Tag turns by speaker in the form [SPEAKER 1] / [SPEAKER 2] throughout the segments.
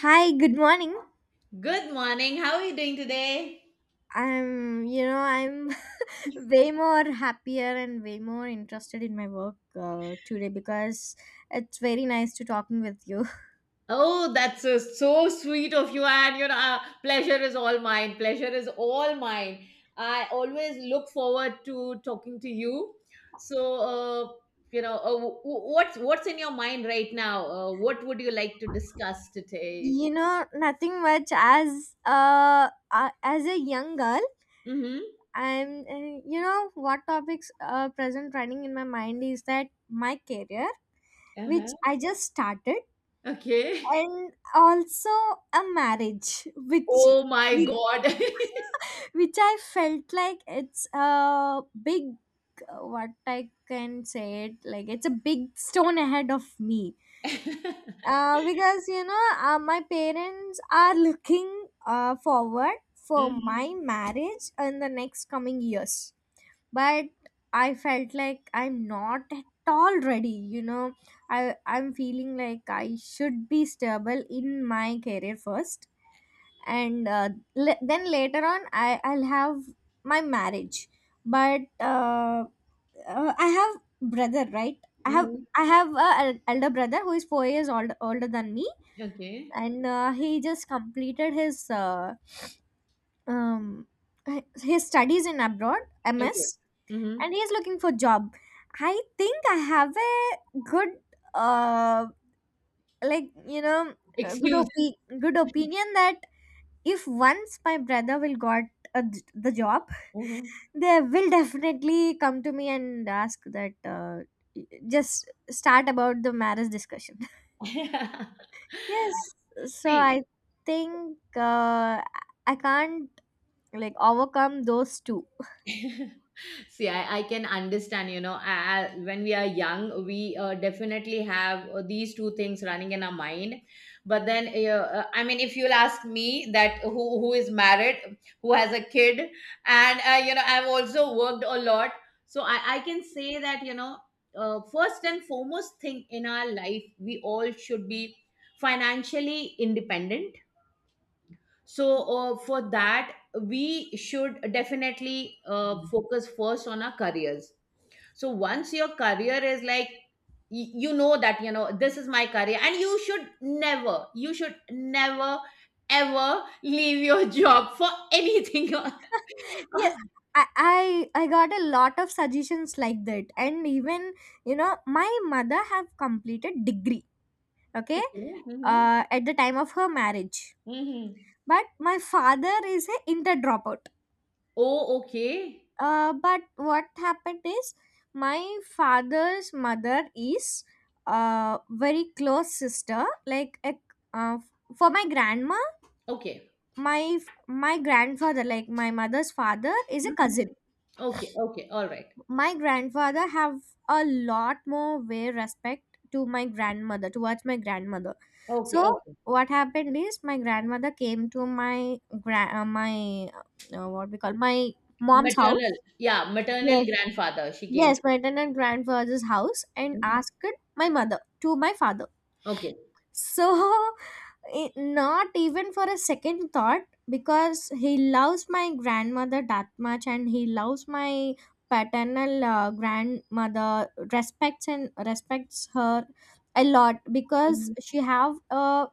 [SPEAKER 1] Hi, good morning.
[SPEAKER 2] Good morning. How are you doing today?
[SPEAKER 1] I'm way more happier and way more interested in my work today because it's very nice to talking with you.
[SPEAKER 2] Oh, that's so sweet of you. And pleasure is all mine. Pleasure is all mine. I always look forward to talking to you. So, what's in your mind right now? What would you like to discuss today?
[SPEAKER 1] Nothing much as a young girl,
[SPEAKER 2] Mm-hmm.
[SPEAKER 1] what topics present running in my mind is that my career, which
[SPEAKER 2] Uh-huh.
[SPEAKER 1] I just started,
[SPEAKER 2] Okay.
[SPEAKER 1] and also a marriage,
[SPEAKER 2] Oh my
[SPEAKER 1] which
[SPEAKER 2] God.
[SPEAKER 1] which I felt like it's a big, what I can say, it like it's a big stone ahead of me. Because my parents are looking forward for
[SPEAKER 2] Hmm,
[SPEAKER 1] my marriage in the next coming years, but I felt like I'm not at all ready. I'm feeling like I should be stable in my career first, and then later on I'll have my marriage. But I have brother, right? i have
[SPEAKER 2] hmm.
[SPEAKER 1] i have elder brother who is 4 years old, older than me.
[SPEAKER 2] Okay.
[SPEAKER 1] And he just completed um, his studies in abroad,
[SPEAKER 2] Okay.
[SPEAKER 1] MS.
[SPEAKER 2] Hmm.
[SPEAKER 1] And he's looking for job. I think I have a good uh, like you know a good
[SPEAKER 2] Excuse.
[SPEAKER 1] opi- good opinion that if once my brother will got a j the job,
[SPEAKER 2] Hmm.
[SPEAKER 1] they will definitely come to me and ask that, just start about the marriage discussion. Yes. So
[SPEAKER 2] See.
[SPEAKER 1] I think I can't, like, overcome those two.
[SPEAKER 2] See, I can understand, when we are young, we definitely have these two things running in our mind. But then, I mean, if you'll ask me that who is married, who has a kid, and, you know, I've also worked a lot. So I can say that, first and foremost thing in our life, we all should be financially independent. So, for that, we should definitely focus first on our careers. So, once your career is like, you know that, this is my career, and you should never, ever leave your job for anything.
[SPEAKER 1] Yeah. I, I got a lot of suggestions like that, and even you know my mother have completed degree. Okay.
[SPEAKER 2] Okay. Hmm.
[SPEAKER 1] At the time of her marriage,
[SPEAKER 2] Hmm.
[SPEAKER 1] but my father is a inter dropout.
[SPEAKER 2] Oh, okay.
[SPEAKER 1] But what happened is, my father's mother is a very close sister like a, uh, for my grandma.
[SPEAKER 2] Okay.
[SPEAKER 1] My my grandfather, like my mother's father, is a
[SPEAKER 2] Mhm.
[SPEAKER 1] cousin.
[SPEAKER 2] Okay. Okay. All right.
[SPEAKER 1] My grandfather have a lot more way respect to my grandmother towards my grandmother. So
[SPEAKER 2] Okay. Okay.
[SPEAKER 1] what happened is, my grandmother came to my gra- my what we call my mom's
[SPEAKER 2] Maternal.
[SPEAKER 1] house.
[SPEAKER 2] Yeah. Maternal
[SPEAKER 1] Yes,
[SPEAKER 2] grandfather. She came
[SPEAKER 1] yes,
[SPEAKER 2] to.
[SPEAKER 1] my maternal grandfather's house, and
[SPEAKER 2] Mhm.
[SPEAKER 1] asked my mother to my father.
[SPEAKER 2] Okay.
[SPEAKER 1] So it, not even for a second thought, because he loves my grandmother that much, and he loves my paternal, grandmother, respects and respects her a lot, because
[SPEAKER 2] Mhm.
[SPEAKER 1] she have a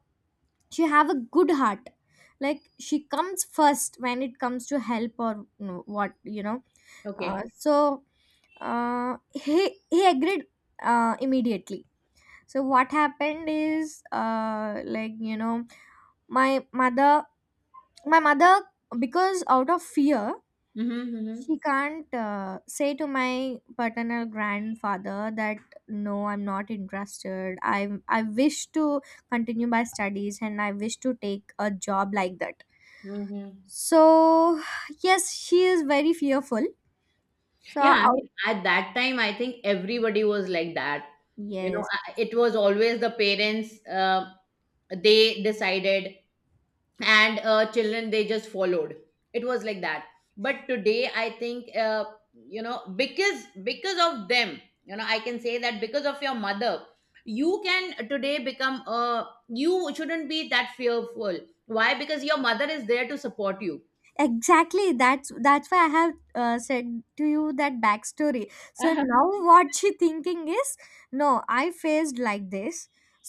[SPEAKER 1] she have a good heart. Like, she comes first when it comes to help or what you know. uh,
[SPEAKER 2] Okay.
[SPEAKER 1] so uh, he agreed immediately. So what happened is, like, my mother my mother, because out of fear,
[SPEAKER 2] Mhm, mhm,
[SPEAKER 1] she can't say to my paternal grandfather that, no, I'm not interested. I wish to continue my studies, and I wish to take a job like that.
[SPEAKER 2] mhm.
[SPEAKER 1] So, yes, she is very fearful. So
[SPEAKER 2] Yeah, I
[SPEAKER 1] out,
[SPEAKER 2] mean, at that time, I think everybody was like that. You know,
[SPEAKER 1] yes,
[SPEAKER 2] it was always the parents, they decided, and children, they just followed. It was like that. But today, I think, because of them, I can say that because of your mother, you can today become, you shouldn't be that fearful. Why? Because your mother is there to support you.
[SPEAKER 1] exactly, that's why I have said to you that backstory. So now what she thinking is, no, I faced like this,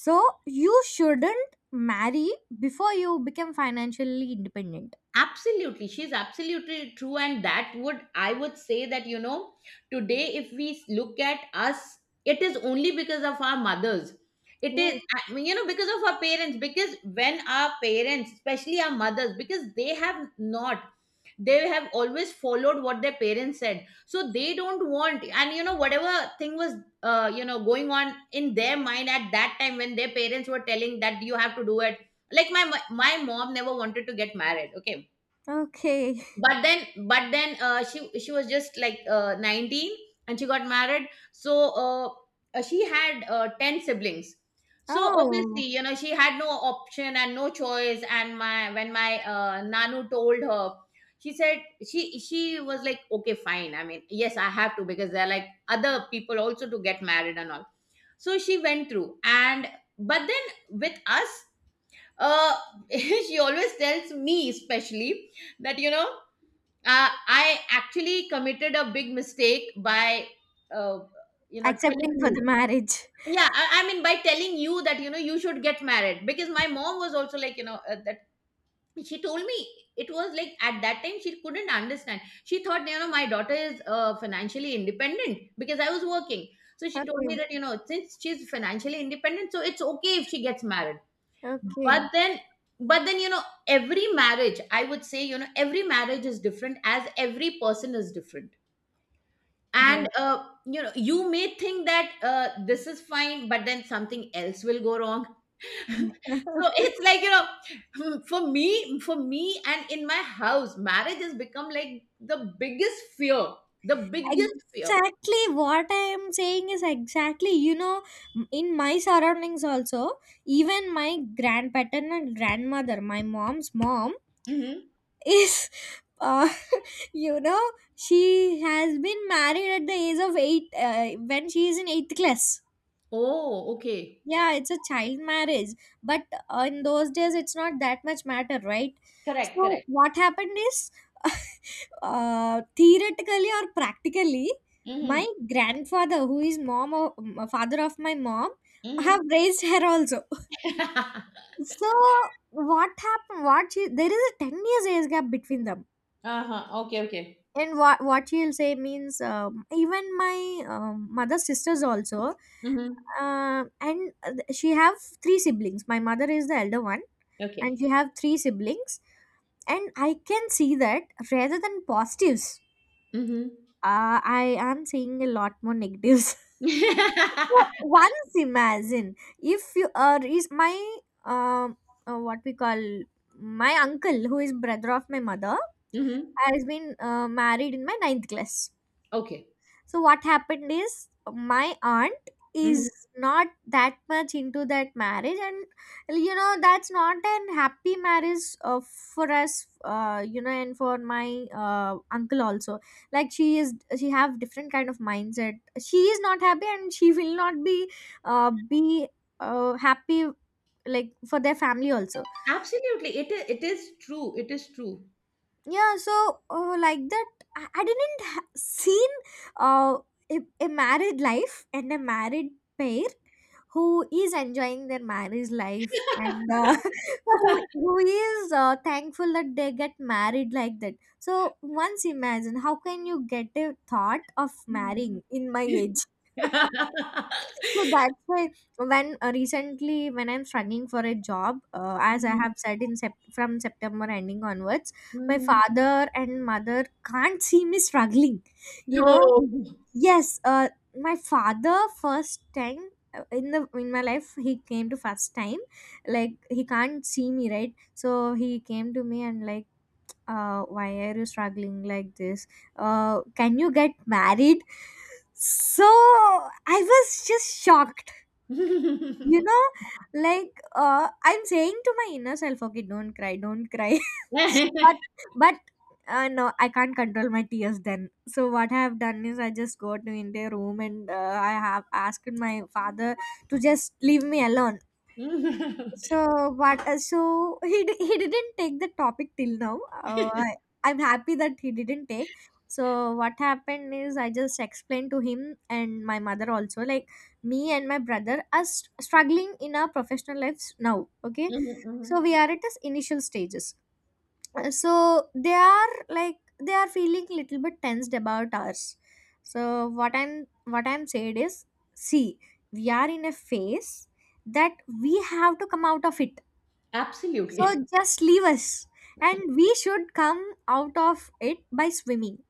[SPEAKER 1] so you shouldn't marry before you become financially independent.
[SPEAKER 2] Absolutely, she's absolutely true. And that would I would say that, today if we look at us, it is only because of our mothers. It
[SPEAKER 1] Yeah.
[SPEAKER 2] is. I mean, you know, because of our parents, because when our parents, especially our mothers, because they have not, they have always followed what their parents said, so they don't want, and whatever thing was you know going on in their mind at that time when their parents were telling that you have to do it, like my mom never wanted to get married. Okay.
[SPEAKER 1] Okay.
[SPEAKER 2] But then she was just like 19, and she got married. So she had 10 siblings. So obviously,
[SPEAKER 1] Oh.
[SPEAKER 2] she had no option and no choice. And my when my nanu told her, she said, she was like, okay fine, I mean, yes, I have to, because there are like other people also to get married and all. So she went through. And but then with us uh she always tells me, especially that, I actually committed a big mistake by, uh, telling
[SPEAKER 1] Accepting for
[SPEAKER 2] you.
[SPEAKER 1] the marriage.
[SPEAKER 2] Yeah, I mean, by telling you that, you should get married. Because my mom was also like, that she told me. It was like, at that time, she couldn't understand. She thought, my daughter is financially independent because I was working. So she told me
[SPEAKER 1] Okay.
[SPEAKER 2] that, since she's financially independent, so it's okay if she gets married. but
[SPEAKER 1] Okay.
[SPEAKER 2] then but then you know every marriage, I would say, every marriage is different, as every person is different.
[SPEAKER 1] Yeah.
[SPEAKER 2] And you may think that this is fine, but then something else will go wrong. So it's like, for me and in my house, marriage has become like the biggest fear. The biggest fear.
[SPEAKER 1] Exactly what I am saying is, exactly, in my surroundings also, even my grandpaternal grandmother, my mom's mom,
[SPEAKER 2] Mm-hmm.
[SPEAKER 1] is, uh, you know, she has been married at the age of 8, when she is in eighth class.
[SPEAKER 2] Oh, okay.
[SPEAKER 1] Yeah, it's a child marriage, but in those days, it's not that much matter, right?
[SPEAKER 2] Correct,
[SPEAKER 1] So,
[SPEAKER 2] correct.
[SPEAKER 1] what happened is, theoretically or practically,
[SPEAKER 2] Mm-hmm.
[SPEAKER 1] my grandfather, who is mom of father of my mom,
[SPEAKER 2] Mm-hmm.
[SPEAKER 1] have raised her also. So what happened, what she, there is a 10 years age gap between them.
[SPEAKER 2] Uh-huh. Okay, okay.
[SPEAKER 1] And what she'll say means, even my mother's sisters also,
[SPEAKER 2] Mm-hmm.
[SPEAKER 1] uh, and she have three siblings. My mother is the elder one, and
[SPEAKER 2] Okay.
[SPEAKER 1] she have three siblings. And I can see that, rather than positives,
[SPEAKER 2] Mm-hmm.
[SPEAKER 1] I am seeing a lot more negatives. So, once imagine if you, is my, um what we call, my uncle who is brother of my mother,
[SPEAKER 2] Mhm.
[SPEAKER 1] has been married in my ninth class.
[SPEAKER 2] Okay.
[SPEAKER 1] So what happened is, my aunt
[SPEAKER 2] Mhm.
[SPEAKER 1] is not that much into that marriage, and that's not an happy marriage for us, and for my uncle also. Like, she have different kind of mindset. She is not happy, and she will not be happy, like, for their family also.
[SPEAKER 2] Absolutely. It is true. It is true.
[SPEAKER 1] Yeah, so, like that, I didn't seen uh, a, married life and a married pair who is enjoying their marriage life, and who is thankful that they get married like that. So once imagine how can you get a thought of
[SPEAKER 2] Mhm.
[SPEAKER 1] marrying in my age. So that's why when, recently when I'm struggling for a job, as I
[SPEAKER 2] Mhm.
[SPEAKER 1] have said, from September ending onwards, my
[SPEAKER 2] Mhm.
[SPEAKER 1] father and mother can't see me struggling you
[SPEAKER 2] No.
[SPEAKER 1] know yes. My father first time, in the in my life, he came to first time, like, he can't see me, right? So he came to me and, like, why are you struggling like this? Can you get married? So I was just shocked. you know, like, I'm saying to my inner self, okay, don't cry, don't cry. but but no, I can't control my tears then. So what I have done is, I just go to India room, and I have asked my father to just leave me alone.
[SPEAKER 2] Mhm.
[SPEAKER 1] So what? So he he didn't take the topic till now. I'm happy that he didn't take. So what happened is, I just explained to him and my mother also. Like, me and my brother are struggling in our professional lives now. Okay, so we
[SPEAKER 2] Mhm.
[SPEAKER 1] are at this initial stages. So they are, like, they are feeling little bit tensed about us. So what I'm saying is, see, we are in a phase that we have to come out of it, so
[SPEAKER 2] Absolutely.
[SPEAKER 1] just leave us. And we should come out of it by swimming.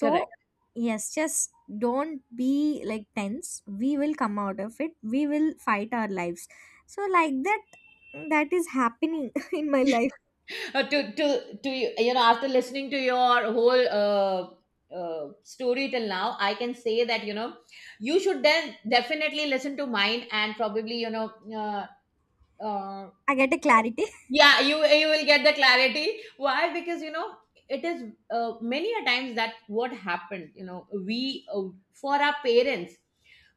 [SPEAKER 2] Correct.
[SPEAKER 1] yes, just don't be, like, tense. We will come out of it. We will fight our lives. So, like that, that is happening in my life.
[SPEAKER 2] To you, after listening to your whole story till now, I can say that, you should then definitely listen to mine and probably, uh,
[SPEAKER 1] I get a clarity.
[SPEAKER 2] yeah, you will get the clarity. Why? Because, it is, many a times that what happened, we, for our parents,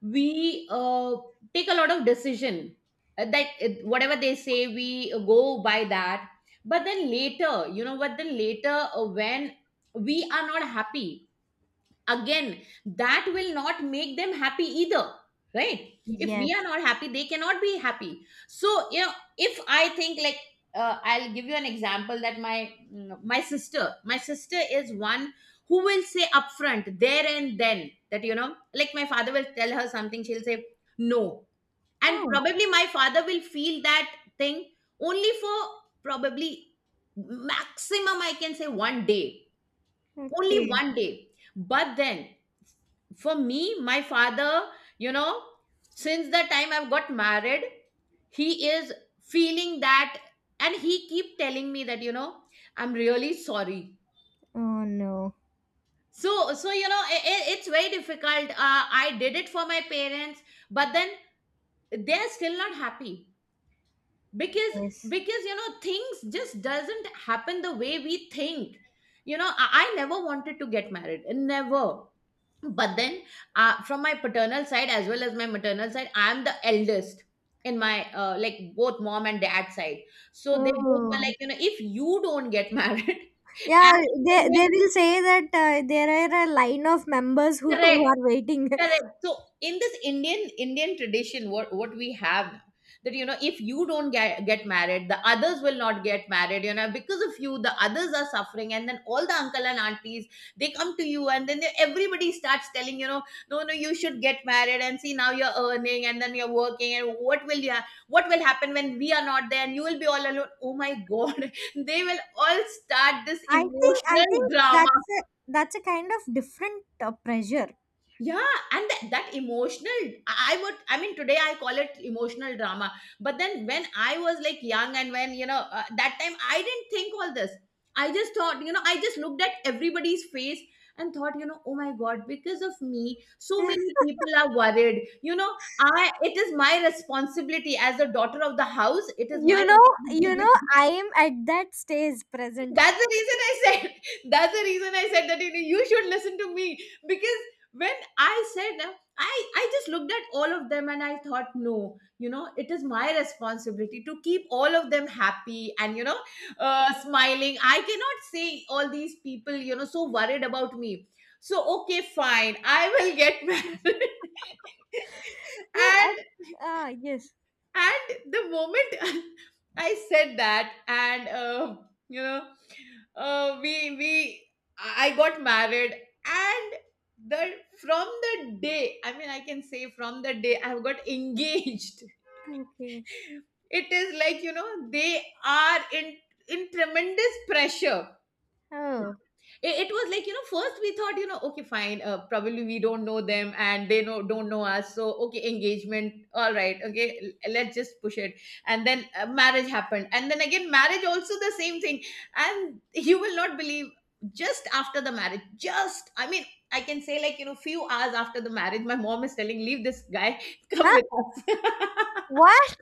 [SPEAKER 2] we take a lot of decision, that it, whatever they say, we go by that. But then later, but then later, when we are not happy, again, that will not make them happy either, right? If we are
[SPEAKER 1] Yes.
[SPEAKER 2] not happy, they cannot be happy. So, if I think like, I'll give you an example that my sister is one who will say upfront there and then that, like my father will tell her something, she'll say no. And
[SPEAKER 1] Oh,
[SPEAKER 2] probably my father will feel that thing only for probably maximum, I can say, one day. Only
[SPEAKER 1] okay.
[SPEAKER 2] one day. But then for me, my father, you know since the time I've got married, he is feeling that, and he keep telling me that, I'm really sorry.
[SPEAKER 1] Oh, no.
[SPEAKER 2] So it's very difficult. I did it for my parents, but then they're still not happy. because
[SPEAKER 1] Yes.
[SPEAKER 2] because you know things just doesn't happen the way we think. I never wanted to get married, never. But then from my paternal side as well as my maternal side, I'm the eldest in my like both mom and dad side. So they both were
[SPEAKER 1] Oh.
[SPEAKER 2] like, if you don't get married
[SPEAKER 1] Yeah,
[SPEAKER 2] as
[SPEAKER 1] they
[SPEAKER 2] Indian,
[SPEAKER 1] will say that there are a line of members who, who
[SPEAKER 2] correct.
[SPEAKER 1] are waiting.
[SPEAKER 2] Correct. So in this Indian tradition, what we have, that, if you don't get married, the others will not get married. You know, because of you, the others are suffering, and then all the uncle and aunties, they, come to you, and then everybody starts telling, no, no, you should get married, and see now you're earning, and then you're working, and what will happen when we are not there, and you will be all alone? Oh my God! They will all start this
[SPEAKER 1] I think I
[SPEAKER 2] emotional
[SPEAKER 1] think
[SPEAKER 2] drama.
[SPEAKER 1] that's a, that's a kind of different pressure.
[SPEAKER 2] Yeah, and that emotional, I mean, today I call it emotional drama. But then when I was like young and when, that time I didn't think all this. I just thought, I just looked at everybody's face and thought, oh my God, because of me, so many people are worried. It is my responsibility as a daughter of the house. It is
[SPEAKER 1] you
[SPEAKER 2] my
[SPEAKER 1] know,
[SPEAKER 2] responsibility.
[SPEAKER 1] I am at that stage present.
[SPEAKER 2] That's the reason I said. That's the reason I said that, you should listen to me. Because when I said I just looked at all of them and I thought no, it is my responsibility to keep all of them happy. And smiling, I cannot say all these people, so worried about me. So okay fine, I will get married.
[SPEAKER 1] Yeah,
[SPEAKER 2] and
[SPEAKER 1] yes.
[SPEAKER 2] and the moment I said that, and you know we I got married, and the from the day, I mean, I can say, from the day I've got engaged,
[SPEAKER 1] Okay.
[SPEAKER 2] it is like, they are in tremendous pressure.
[SPEAKER 1] Oh.
[SPEAKER 2] It was like, first we thought, okay fine, probably we don't know them and they know don't know us, so okay engagement, all right, okay, let's just push it. And then marriage happened, and then again, marriage also the same thing. And you will not believe, just after the marriage, just, I mean, I can say, like, few hours after the marriage, my mom is telling leave this guy come
[SPEAKER 1] Huh?
[SPEAKER 2] with us.
[SPEAKER 1] What?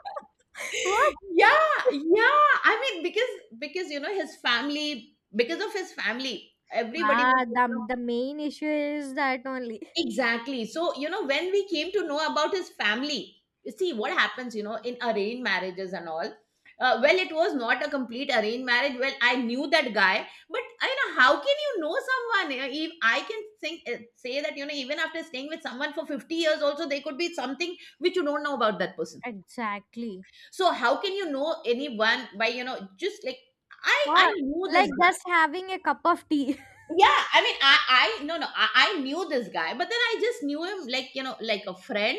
[SPEAKER 1] What?
[SPEAKER 2] Yeah, yeah. I mean, because because his family, because of his family, everybody
[SPEAKER 1] Ah,
[SPEAKER 2] was.
[SPEAKER 1] the main issue is that only.
[SPEAKER 2] Exactly. So, when we came to know about his family, you see what happens, in arranged marriages and all. Well, it was not a complete arranged marriage. Well, I knew that guy, but how can you know someone? You If I can think, say that, even after staying with someone for 50 years, also there could be something which you don't know about that person.
[SPEAKER 1] Exactly.
[SPEAKER 2] So, how can you know anyone by, just like, I
[SPEAKER 1] What?
[SPEAKER 2] knew this
[SPEAKER 1] Like,
[SPEAKER 2] guy.
[SPEAKER 1] just having a cup of tea.
[SPEAKER 2] Yeah, I mean, I no, no, I knew this guy, but then I just knew him like, like a friend.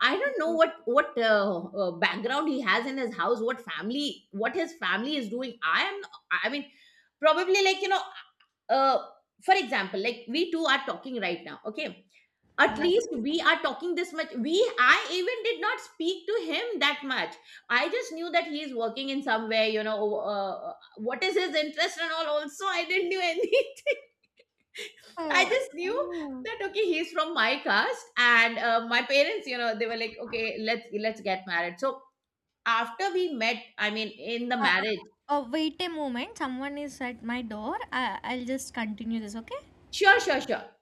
[SPEAKER 2] I don't know
[SPEAKER 1] Okay.
[SPEAKER 2] what background he has in his house, what family, what his family is doing. I am, I mean, probably like, uh, for example, like we two are talking right now. Okay, at least
[SPEAKER 1] Yes.
[SPEAKER 2] we are talking this much. I even did not speak to him that much. I just knew that he is working in somewhere. What is his interest and all. Also, I didn't do anything. I
[SPEAKER 1] Uh,
[SPEAKER 2] just knew that okay, he's from my caste, and my parents, they were like, okay, let's get married. So after we met, I mean, in the
[SPEAKER 1] Uh,
[SPEAKER 2] marriage,
[SPEAKER 1] oh, wait a moment. Someone is at my door. I'll just continue this, okay?
[SPEAKER 2] sure, sure, sure.